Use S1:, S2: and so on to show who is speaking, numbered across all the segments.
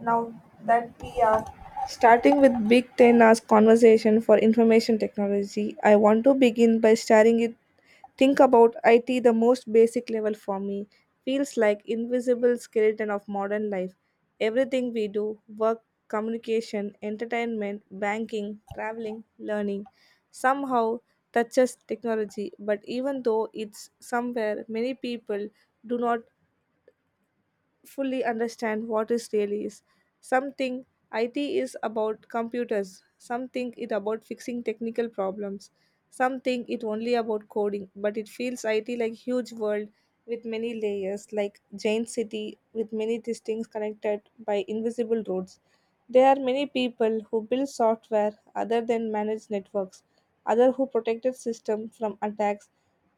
S1: Now that we are starting with Big Ten as conversation for information technology, I want to begin by starting it. Think about IT, the most basic level for me, feels like invisible skeleton of modern life. Everything we do, work, communication, entertainment, banking, traveling, learning, somehow touches technology. But even though it's somewhere many people do not fully understand what is really is. Something IT is about computers, something it about fixing technical problems, something it only about coding, but it feels IT like huge world with many layers, like giant city with many distinct connected by invisible roads. There are many people who build software other than manage networks, other who protected system from attacks,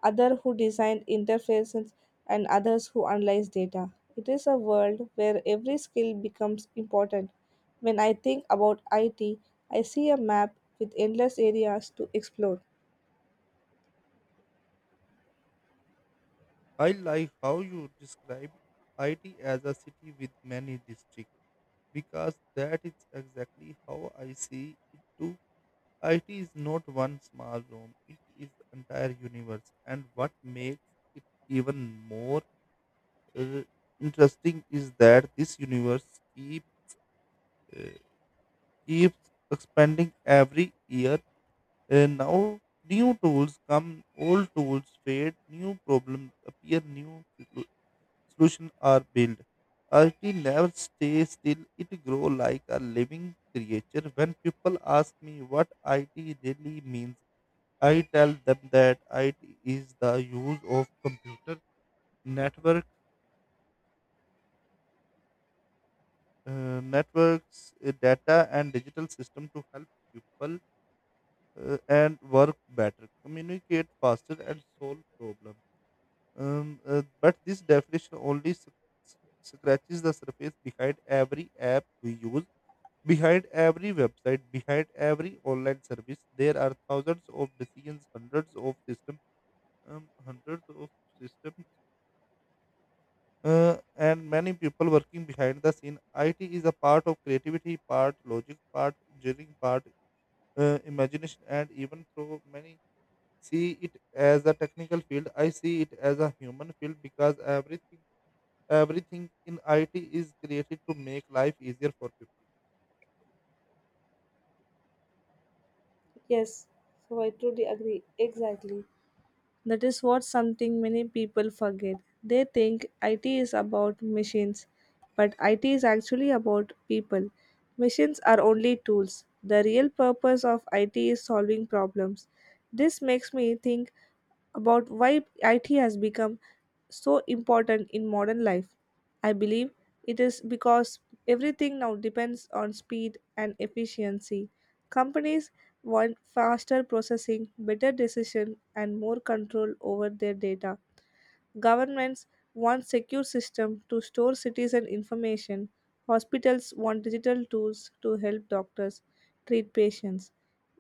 S1: other who design interfaces, and others who analyze data. It is a world where every skill becomes important. When I think about IT, I see a map with endless areas to explore.
S2: I like how you describe IT as a city with many districts because that is exactly how I see it too. IT is not one small room, it is entire universe. And what makes it even more uh, interesting is that this universe uh, keeps expanding every year. Now new tools come, old tools fade, new problems appear, new solutions are built. A never stays still, it grows like a living creature. When people ask me what IT really means, I tell them that IT is the use of computer network, networks, data, and digital system to help people and work better, communicate faster, and solve problems. But this definition only scratches the surface behind every app we use. Behind every website, behind every online service, there are thousands of decisions, hundreds of systems, and many people working behind the scene. IT is a part of creativity, part logic, part engineering, part imagination, and even though many see it as a technical field, I see it as a human field because everything in IT is created to make life easier for people.
S1: Yes, so I truly agree. Exactly. That is what something many people forget. They think IT is about machines, but IT is actually about people. Machines are only tools. The real purpose of IT is solving problems. This makes me think about why IT has become so important in modern life. I believe it is because everything now depends on speed and efficiency. Companies want faster processing, better decision, and more control over their data. Governments want secure systems to store citizen information. Hospitals want digital tools to help doctors treat patients.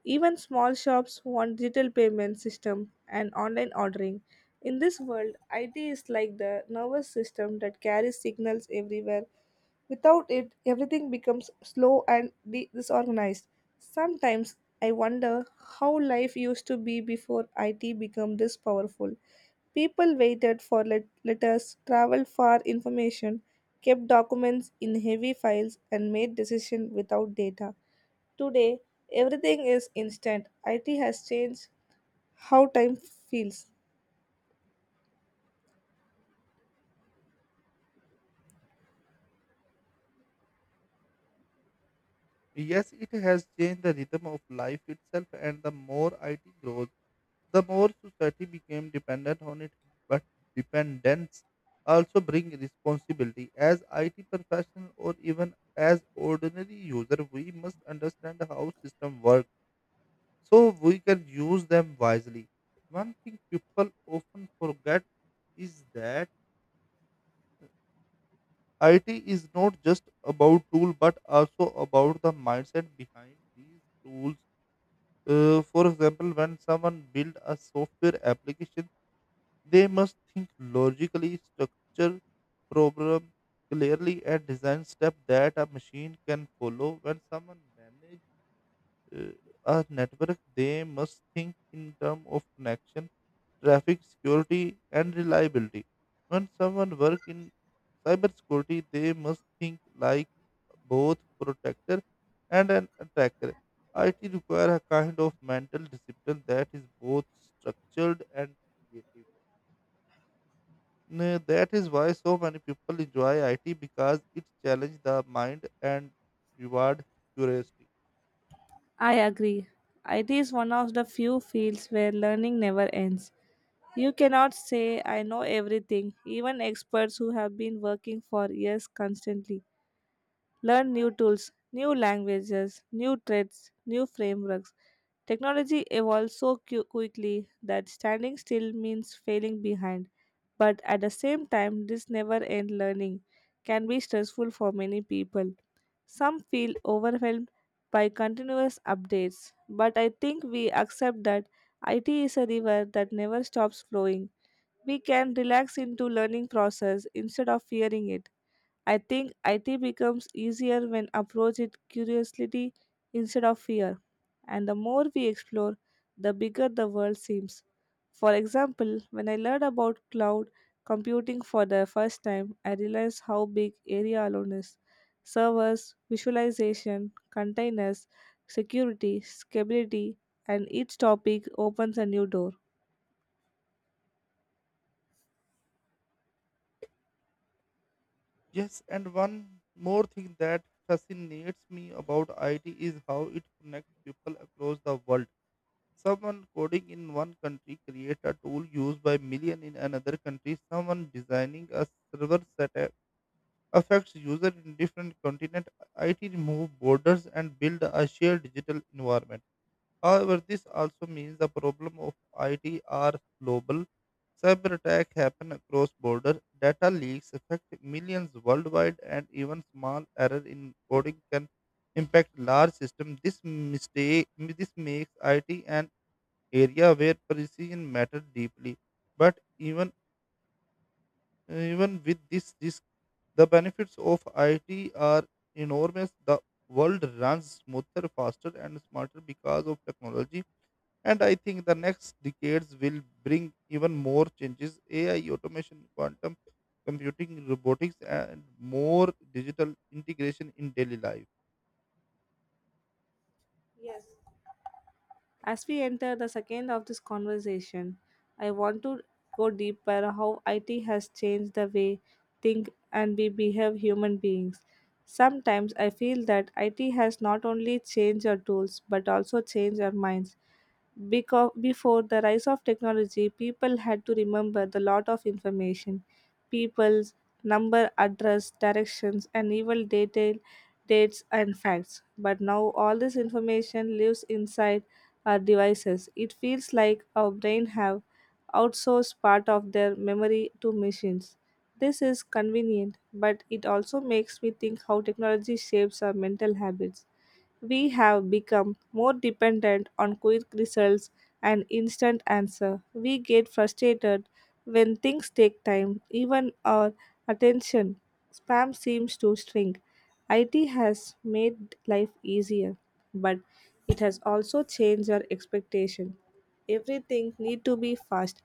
S1: Even small shops want digital payment system and online ordering. In this world, IT is like the nervous system that carries signals everywhere. Without it, everything becomes slow and disorganized. Sometimes I wonder how life used to be before IT became this powerful. People waited for letters, traveled far information, kept documents in heavy files, and made decisions without data. Today, everything is instant. IT has changed how time feels.
S2: Yes, it has changed the rhythm of life itself, and the more IT grows, the more society became dependent on it. But dependence also brings responsibility. As IT professional or even as ordinary user, we must understand how system work so we can use them wisely. One thing people often forget is that IT is not just about tool but also about the mindset behind these tools. For example, when someone builds a software application, they must think logically, structure problem clearly, and design steps that a machine can follow. When someone manages uh, a network, they must think in terms of connection traffic security, and reliability. When someone works in cybersecurity, they must think like both protector and an attacker. IT require a kind of mental discipline that is both structured and creative. That is why so many people enjoy IT because it challenges the mind and reward curiosity.
S1: I agree. IT is one of the few fields where learning never ends. You cannot say, I know everything. Even experts who have been working for years constantly learn new tools, new languages, new trades, new frameworks. Technology evolves so quickly that standing still means failing behind. But at the same time, this never end learning can be stressful for many people. Some feel overwhelmed by continuous updates, but I think we accept that IT is a river that never stops flowing. We can relax into learning process instead of fearing it. I think IT becomes easier when approached with curiosity instead of fear. And the more we explore, the bigger the world seems. For example, when I learned about cloud computing for the first time, I realized how big area alone is. Servers, visualization, containers, security, scalability, and each topic opens a new door.
S2: Yes, and one more thing that fascinates me about IT is how it connects people across the world. Someone coding in one country create a tool used by million in another country. Someone designing a server setup affects user in different continent. IT remove borders and build a shared digital environment. However, this also means the problem of IT are global. Cyber attack happen across border. Data leaks affect millions worldwide, and even small error in coding can impact large system. This makes IT and area where precision matters deeply. But even with this risk, the benefits of IT are enormous. The world runs smoother, faster, and smarter because of technology. And I think the next decades will bring even more changes. AI, automation, quantum computing, robotics, and more digital integration in daily life.
S1: Yes, as we enter the second of this conversation, I want to go deeper how IT has changed the way think and we behave human beings. Sometimes I feel that IT has not only changed our tools but also changed our minds. Because before the rise of technology, people had to remember the lot of information, people's number, address, directions, and even detail, dates and facts. But now all this information lives inside our devices. It feels like our brain have outsourced part of their memory to machines. This is convenient, but it also makes me think how technology shapes our mental habits. We have become more dependent on quick results and instant answer. We get frustrated when things take time, even our attention. Spam seems to shrink. IT has made life easier, but it has also changed our expectation, everything need to be fast,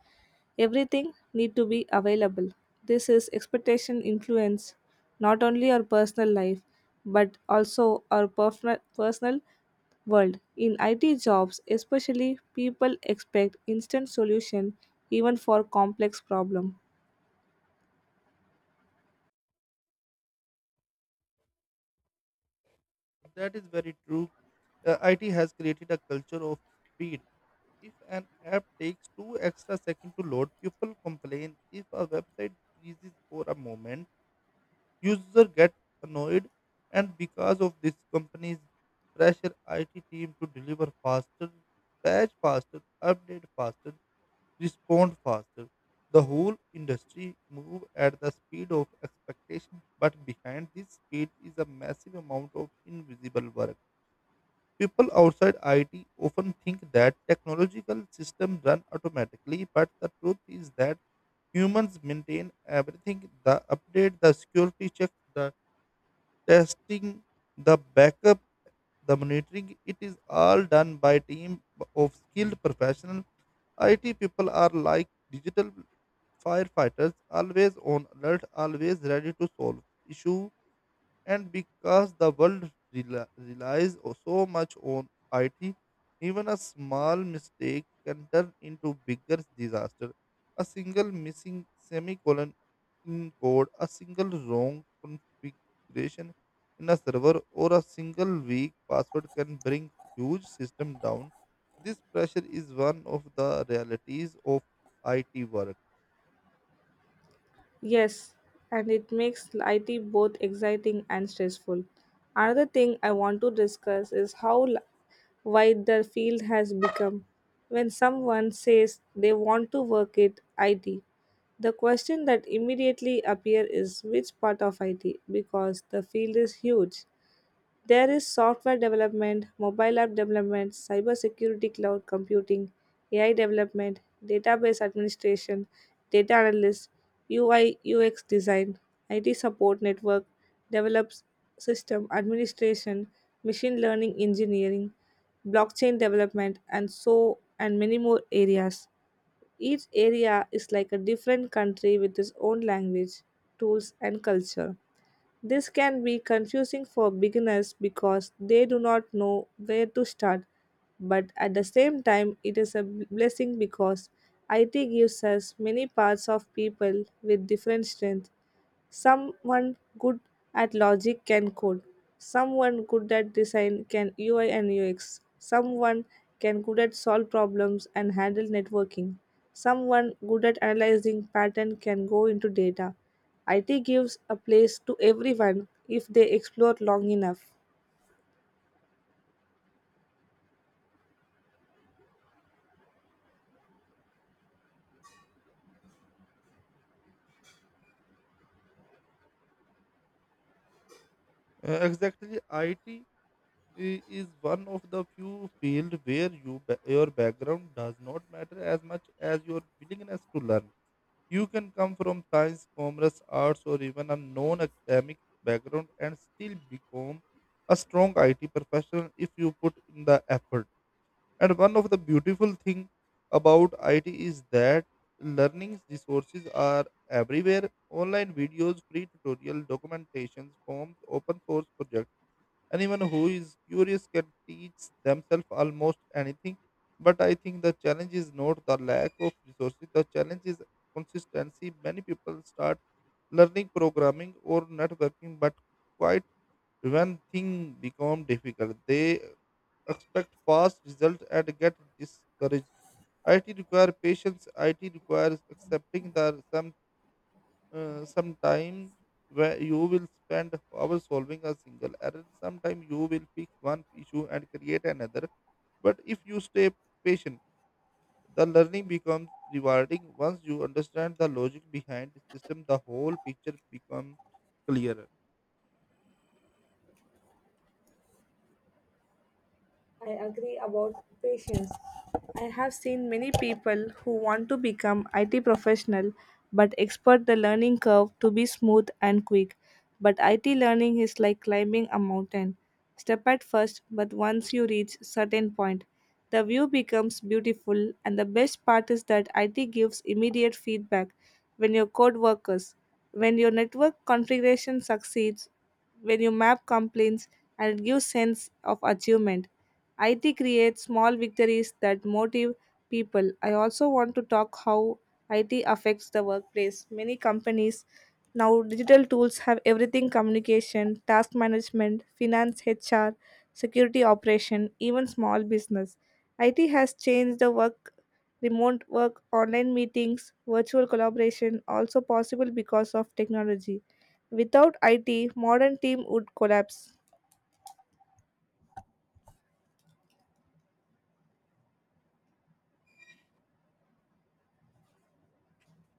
S1: everything need to be available, this is expectation influence not only our personal life but also our personal world in IT jobs, especially people expect instant solution even for complex problem.
S2: That is very true. IT has created a culture of speed. If an app takes two extra seconds to load, people complain. If a website freezes for a moment, users get annoyed, and because of this, companies pressure IT team to deliver faster, patch faster, update faster, respond faster. The whole industry move at the speed of expectation, but behind this speed is a massive amount of invisible work. People outside IT often think that technological systems run automatically, but the truth is that humans maintain everything, the update, the security checks, the testing, the backup, the monitoring. It is all done by team of skilled professionals. IT people are like digital firefighters, always on alert, always ready to solve issues, and because the world relies so much on IT, even a small mistake can turn into bigger disaster. A single missing semicolon in code, a single wrong configuration in a server, or a single weak password can bring huge system down. This pressure is one of the realities of IT work.
S1: Yes, and it makes IT both exciting and stressful. Another thing I want to discuss is how wide the field has become. When someone says they want to work at IT, the question that immediately appears is which part of IT because the field is huge. There is software development, mobile app development, cybersecurity, cloud computing, AI development, database administration, data analyst, UI UX design, IT support network, develops system administration, machine learning engineering, blockchain development, and so and many more areas. Each area is like a different country with its own language, tools, and culture. This can be confusing for beginners because they do not know where to start, but at the same time, it is a blessing because IT gives us many parts of people with different strengths. Someone good at logic can code. Someone good at design can UI and UX. Someone can good at solve problems and handle networking. Someone good at analyzing pattern can go into data. IT gives a place to everyone if they explore long enough.
S2: Exactly, IT is one of the few field where your background does not matter as much as your willingness to learn. You can come from science, commerce, arts, or even a non-academic background and still become a strong IT professional if you put in the effort. And one of the beautiful thing about IT is that learning resources are everywhere. Online videos, free tutorial, documentations, forms, open source projects. Anyone who is curious can teach themselves almost anything. But I think the challenge is not the lack of resources, the challenge is consistency. Many people start learning programming or networking, but quite when things become difficult, they expect fast results and get discouraged. IT requires patience, IT requires accepting that sometime where you will spend hours solving a single error, sometime you will fix one issue and create another. But if you stay patient, the learning becomes rewarding. Once you understand the logic behind the system, the whole picture becomes clearer.
S1: I agree about patience. I have seen many people who want to become IT professional but expect the learning curve to be smooth and quick. But IT learning is like climbing a mountain. Step at first, but once you reach certain point, the view becomes beautiful and the best part is that IT gives immediate feedback when your code workers, when your network configuration succeeds, when you map complaints, and it gives sense of achievement. IT creates small victories that motivate people. I also want to talk how IT affects the workplace. Many companies now digital tools have everything: communication, task management, finance, HR, security operation, even small business. IT has changed the work, remote work, online meetings, virtual collaboration also possible because of technology. Without IT, modern team would collapse.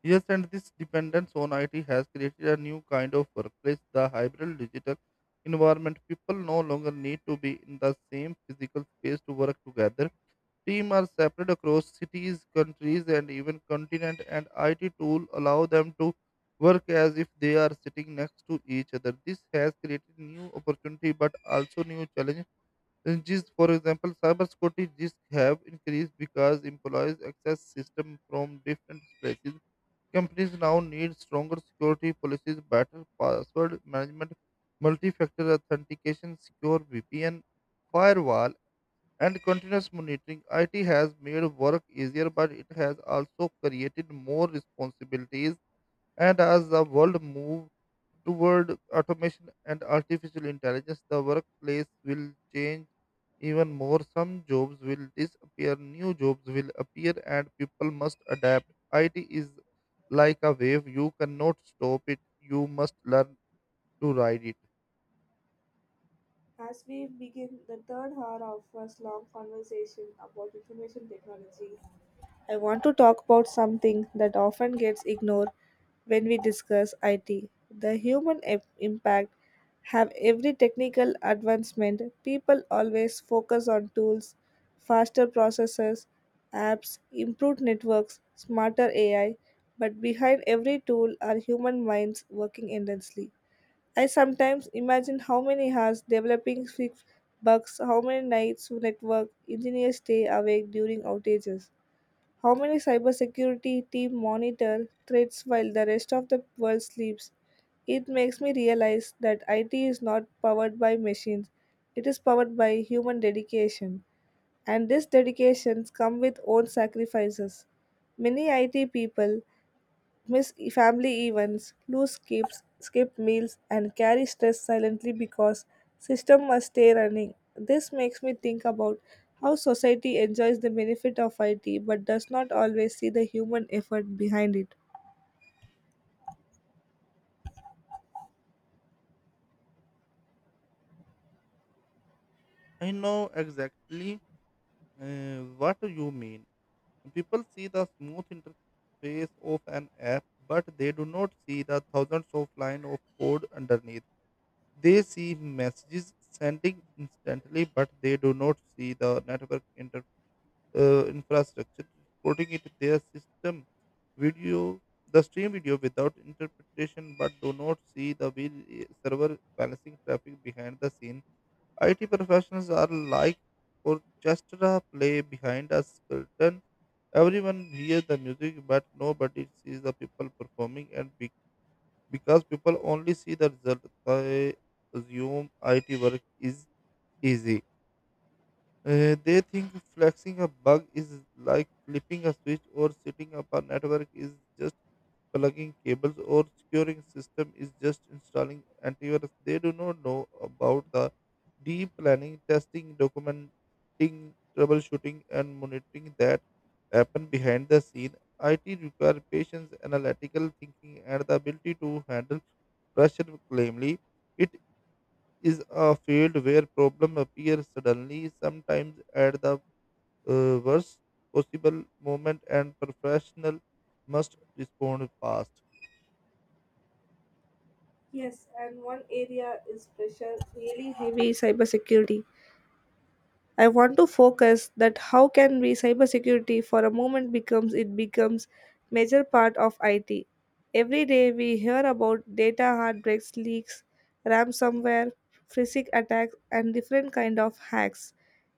S2: Yes, and this dependence on it has created a new kind of workplace, the hybrid digital environment. People no longer need to be in the same physical space to work together. Teams are separate across cities, countries, and even continent, and IT tools allow them to work as if they are sitting next to each other. This has created new opportunity, but also new challenges. For example, cybersecurity risks have increased because employees access systems from different places. Companies now need stronger security policies, better password management, multi-factor authentication, secure VPN, firewall and continuous monitoring. IT has made work easier, but it has also created more responsibilities. And as the world moves toward automation and artificial intelligence, the workplace will change even more. Some jobs will disappear, new jobs will appear, and people must adapt. IT is like a wave, you cannot stop it, you must learn to ride it.
S1: As we begin the third hour of our long conversation about information technology, I want to talk about something that often gets ignored when we discuss IT, the human impact. Have every technical advancement, people always focus on tools, faster processors, apps, improved networks, smarter AI, but behind every tool are human minds working endlessly. I sometimes imagine how many hours developing fix bugs, how many nights network engineers stay awake during outages, how many cybersecurity team monitor threats while the rest of the world sleeps. It makes me realize that IT is not powered by machines, it is powered by human dedication. And these dedications come with own sacrifices. Many IT people miss family events, lose skips, skip meals, and carry stress silently because system must stay running. This makes me think about how society enjoys the benefit of IT but does not always see the human effort behind it.
S2: I know exactly what you mean. People see the smooth interface of an app, but they do not see the thousands of lines of code underneath. They see messages sending instantly, but they do not see the network infrastructure supporting it. Video, the stream video without interpretation, but do not see the server balancing traffic behind the scene. IT professionals are like orchestra play behind a curtain. Everyone hears the music, but nobody sees the people performing. And because people only see the result, they assume IT work is easy. They think flexing a bug is like flipping a switch or setting up a network is just plugging cables or securing system is just installing antivirus. They do not know about the deep planning, testing, documenting, troubleshooting, and monitoring that happen behind the scene. IT requires patience, analytical thinking, and the ability to handle pressure calmly. It is a field where problem appears suddenly, sometimes at the worst possible moment, and professional must respond fast.
S1: Yes, and one area is pressure really heavy cybersecurity. I want to focus that how can we cybersecurity for a moment becomes it becomes major part of IT. Every day we hear about data heartbreaks, leaks, ransomware, physic attacks, and different kind of hacks.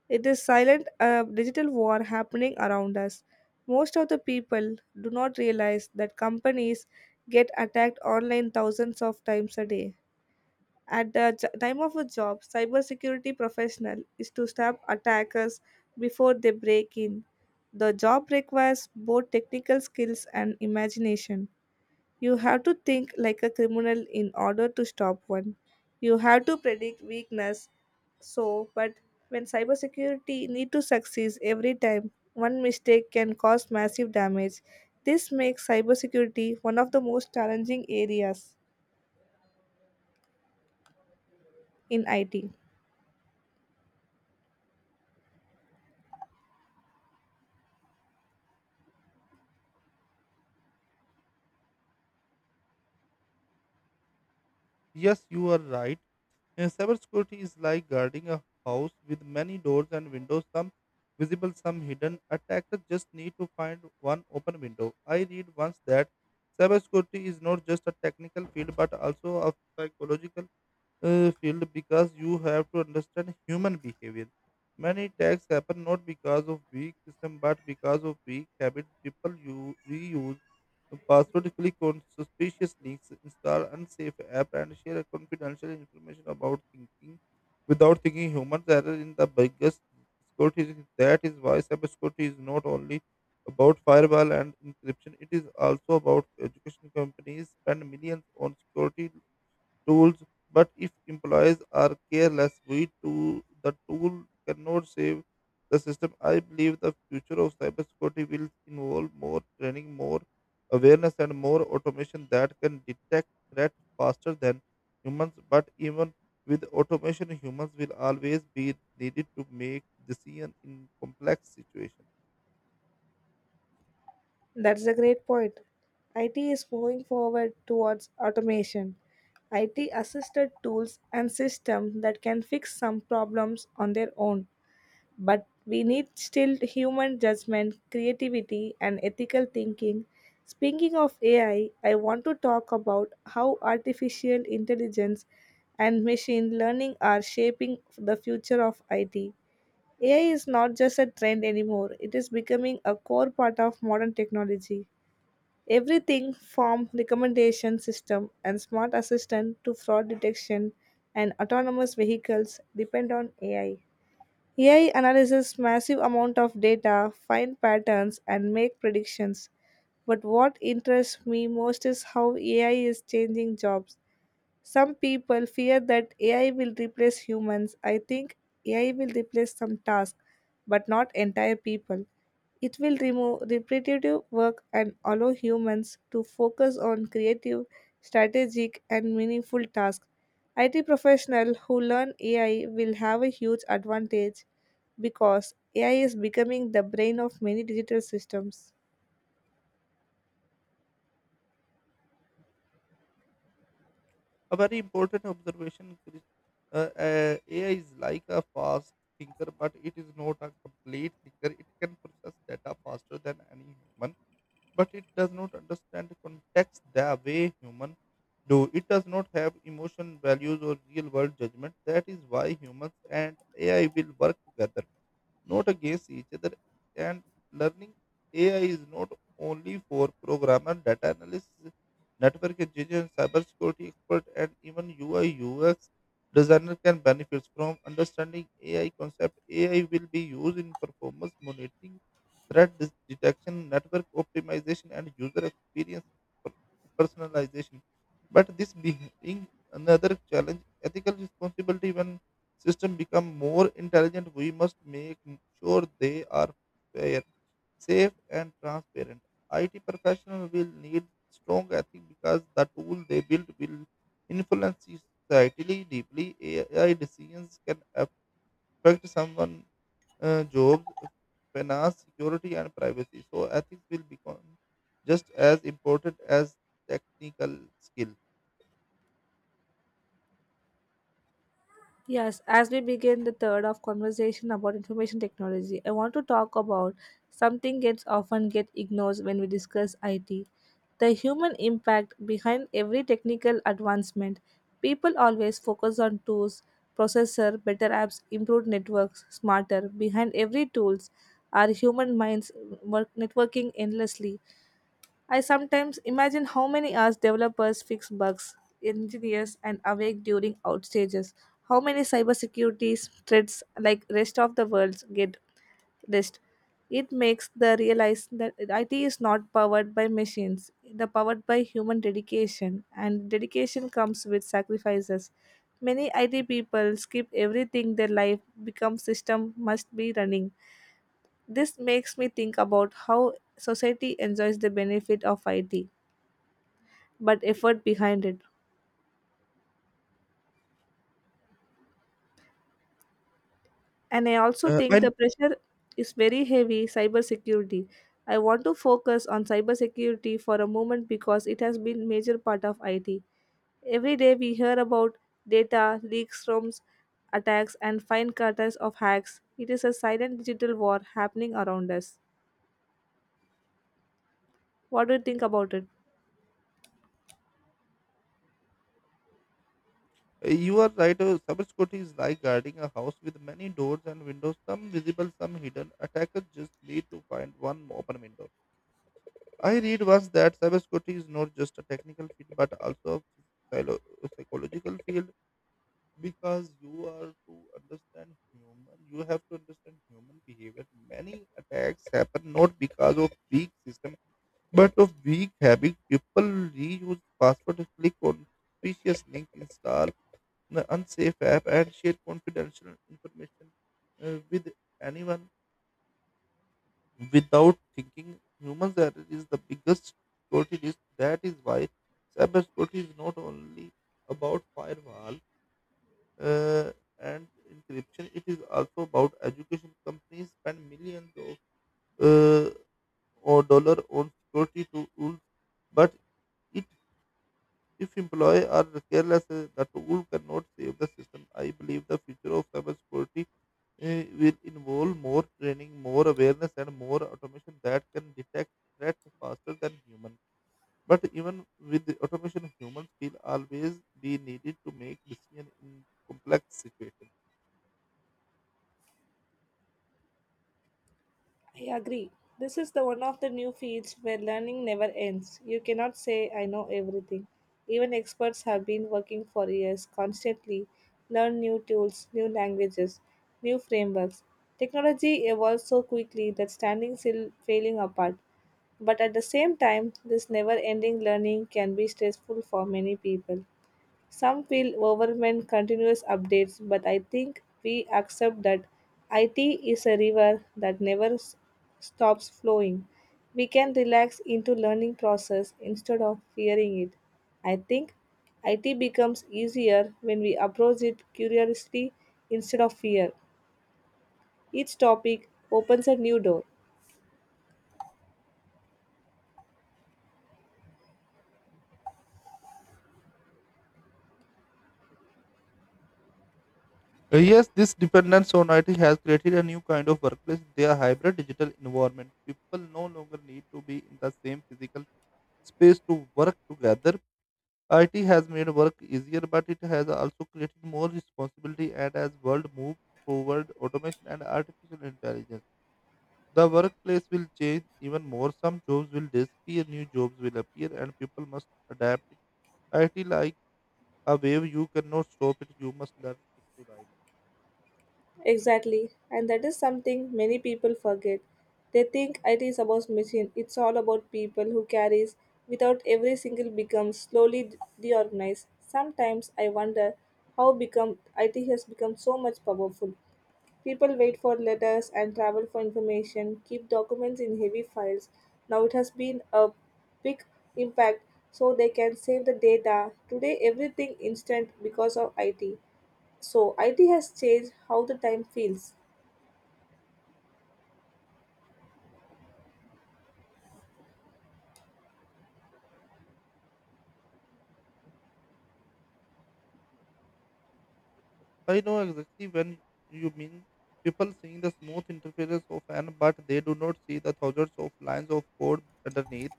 S1: It is silent digital war happening around us. Most of the people do not realize that companies get attacked online thousands of times a day. At the time of a job, cybersecurity professional is to stop attackers before they break in. The job requires both technical skills and imagination. You have to think like a criminal in order to stop one. You have to predict weakness. So, but when cybersecurity need to succeed every time, one mistake can cause massive damage. This makes cybersecurity one of the most challenging areas in IT.
S2: Yes, you are right. Cybersecurity is like guarding a house with many doors and windows, some visible, some hidden. Attackers just need to find one open window. I read once that cybersecurity is not just a technical field but also a psychological field because you have to understand human behavior. Many attacks happen not because of weak system but because of weak habit. People you reuse password, click on suspicious links, install unsafe app, and share confidential information about thinking without thinking. Humans error in the biggest security risk. That is why cybersecurity is not only about firewall and encryption. It is also about education. Companies spend millions on security tools, but if employees are careless, we too, the tool cannot save the system. I believe the future of cybersecurity will involve more training, more awareness, and more automation that can detect threat faster than humans. But even with automation, humans will always be needed to make decision in complex situations.
S1: That's a great point. IT is moving forward towards automation, IT assisted tools and systems that can fix some problems on their own. But we need still human judgment, creativity, and ethical thinking. Speaking of AI, I want to talk about how artificial intelligence and machine learning are shaping the future of IT. AI is not just a trend anymore, it is becoming a core part of modern technology. Everything from recommendation system and smart assistant to fraud detection and autonomous vehicles depend on AI. AI analyzes massive amount of data, find patterns and make predictions. But what interests me most is how AI is changing jobs. Some people fear that AI will replace humans. I think AI will replace some tasks, but not entire people. It will remove repetitive work and allow humans to focus on creative, strategic, and meaningful tasks. IT professionals who learn AI will have a huge advantage because AI is becoming the brain of many digital systems.
S2: A very important observation, Krish. AI is like a fast thinker, but it is not a complete thinker. It can process data faster than any human, but it does not understand context the way human do. It does not have emotion, values, or real world judgment. That is why humans and AI will work together not against each other. And learning AI is not only for programmer, data analysts, network engineers, cybersecurity expert, and even UI UX designer can benefit from understanding AI concept. AI will be used in performance monitoring, threat detection, network optimization, and user experience per- personalization. But this being another challenge, ethical responsibility when system become more intelligent, we must make sure they are fair, safe, and transparent. IT professionals will need strong ethics because the tool they build will influence society deeply. AI decisions can affect someone's jobs, finance, security, and privacy. So ethics will become just as important as technical skill.
S1: Yes, as we begin the third of conversation about information technology, I want to talk about something gets often get ignored when we discuss IT. The human impact behind every technical advancement. People always focus on tools, processor, better apps, improved networks, smarter. Behind every tools are human minds work networking endlessly. I sometimes imagine how many hours developers fix bugs, engineers, and awake during outages. How many cybersecurity threats like rest of the world get list. It makes the realize that IT is not powered by machines. The powered by human dedication, and dedication comes with sacrifices. Many IT people skip everything their life becomes system must be running. This makes me think about how society enjoys the benefit of IT but effort behind it. And I also think
S2: I
S1: the pressure is very heavy cybersecurity. I want to focus on cybersecurity for a moment because it has been major part of IT. Every day we hear about data leaks, ROMs, attacks and fine cutters of hacks. It is a silent digital war happening around us. What do you think about it?
S2: You are right. Cybersecurity is like guarding a house with many doors and windows, some visible, some hidden. Attackers just need to find one open window. I read once that cybersecurity is not just a technical field but also a psychological field because you have to understand human behavior. Many attacks happen not because of weak system but of weak habit. People reuse password, click on suspicious link, install the unsafe app and share confidential information with anyone without thinking. Human error is the biggest security risk. That is why cybersecurity is not only about firewall uh, and encryption. It is also about education. Companies spend millions of uh, or dollar on security tools, but it, if employees are careless, the tool cannot save the system. I believe the future of cybersecurity will involve more training, more awareness, and more automation that can detect threats faster than human. But even with the automation, humans will always be needed to make decisions in complex situations.
S1: I agree. This is the one of the new fields where learning never ends. You cannot say I know everything. Even experts have been working for years constantly learn new tools, new languages, new frameworks. Technology evolves so quickly that standing still failing apart. But at the same time, this never ending learning can be stressful for many people. Some feel overwhelmed continuous updates, but I think we accept that IT is a river that never stops flowing. We can relax into learning process instead of fearing it. I think IT becomes easier when we approach it curiously instead of fear. Each topic opens a new door.
S2: Yes, this dependence on IT has created a new kind of workplace, their hybrid digital environment. People no longer need to be in the same physical space to work together. IT has made work easier, but it has also created more responsibility. And as world moves toward automation and artificial intelligence, the workplace will change even more. Some jobs will disappear, new jobs will appear, and people must adapt it. IT like a wave, you cannot stop it. You must learn it to ride it.
S1: Exactly, and that is something many people forget. They think it is about machine. It's all about people who carries without every single becomes slowly deorganized. Sometimes I wonder how become IT has become so much powerful. People wait for letters and travel for information, keep documents in heavy files. Now it has been a big impact so they can save the data. Today everything instant because of IT. So, IT has changed how the time feels.
S2: I know exactly when you mean. People seeing the smooth interfaces of an, but they do not see the thousands of lines of code underneath.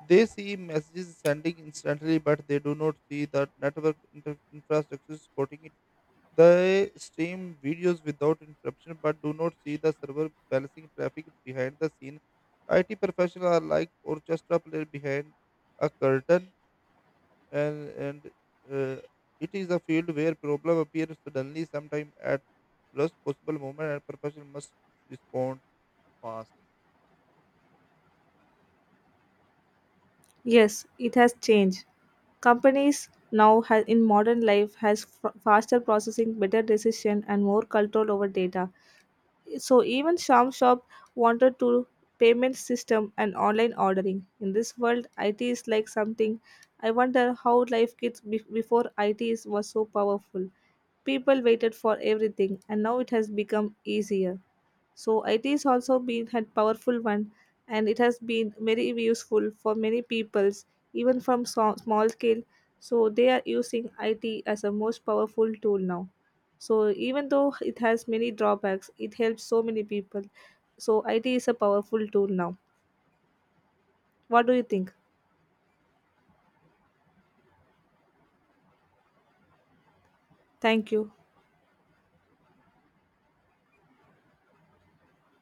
S2: They see messages sending instantly, but they do not see the network infrastructure supporting it. They stream videos without interruption, but do not see the server balancing traffic behind the scene. IT professionals are like orchestra player behind a curtain, and uh, it is a field where problem appears suddenly, sometime at worst possible moment, and professional must respond fast.
S1: Yes, it has changed. Companies now in modern life has faster processing, better decision and more control over data. So even some shop wanted to payment system and online ordering. In this world, IT is like something. I wonder how life gets before IT is, was so powerful. People waited for everything, and now it has become easier. So IT has also been a powerful one, and it has been very useful for many peoples, even from small scale. So they are using IT as a most powerful tool now. So even though it has many drawbacks, it helps so many people. So IT is a powerful tool now. What do you think? Thank you.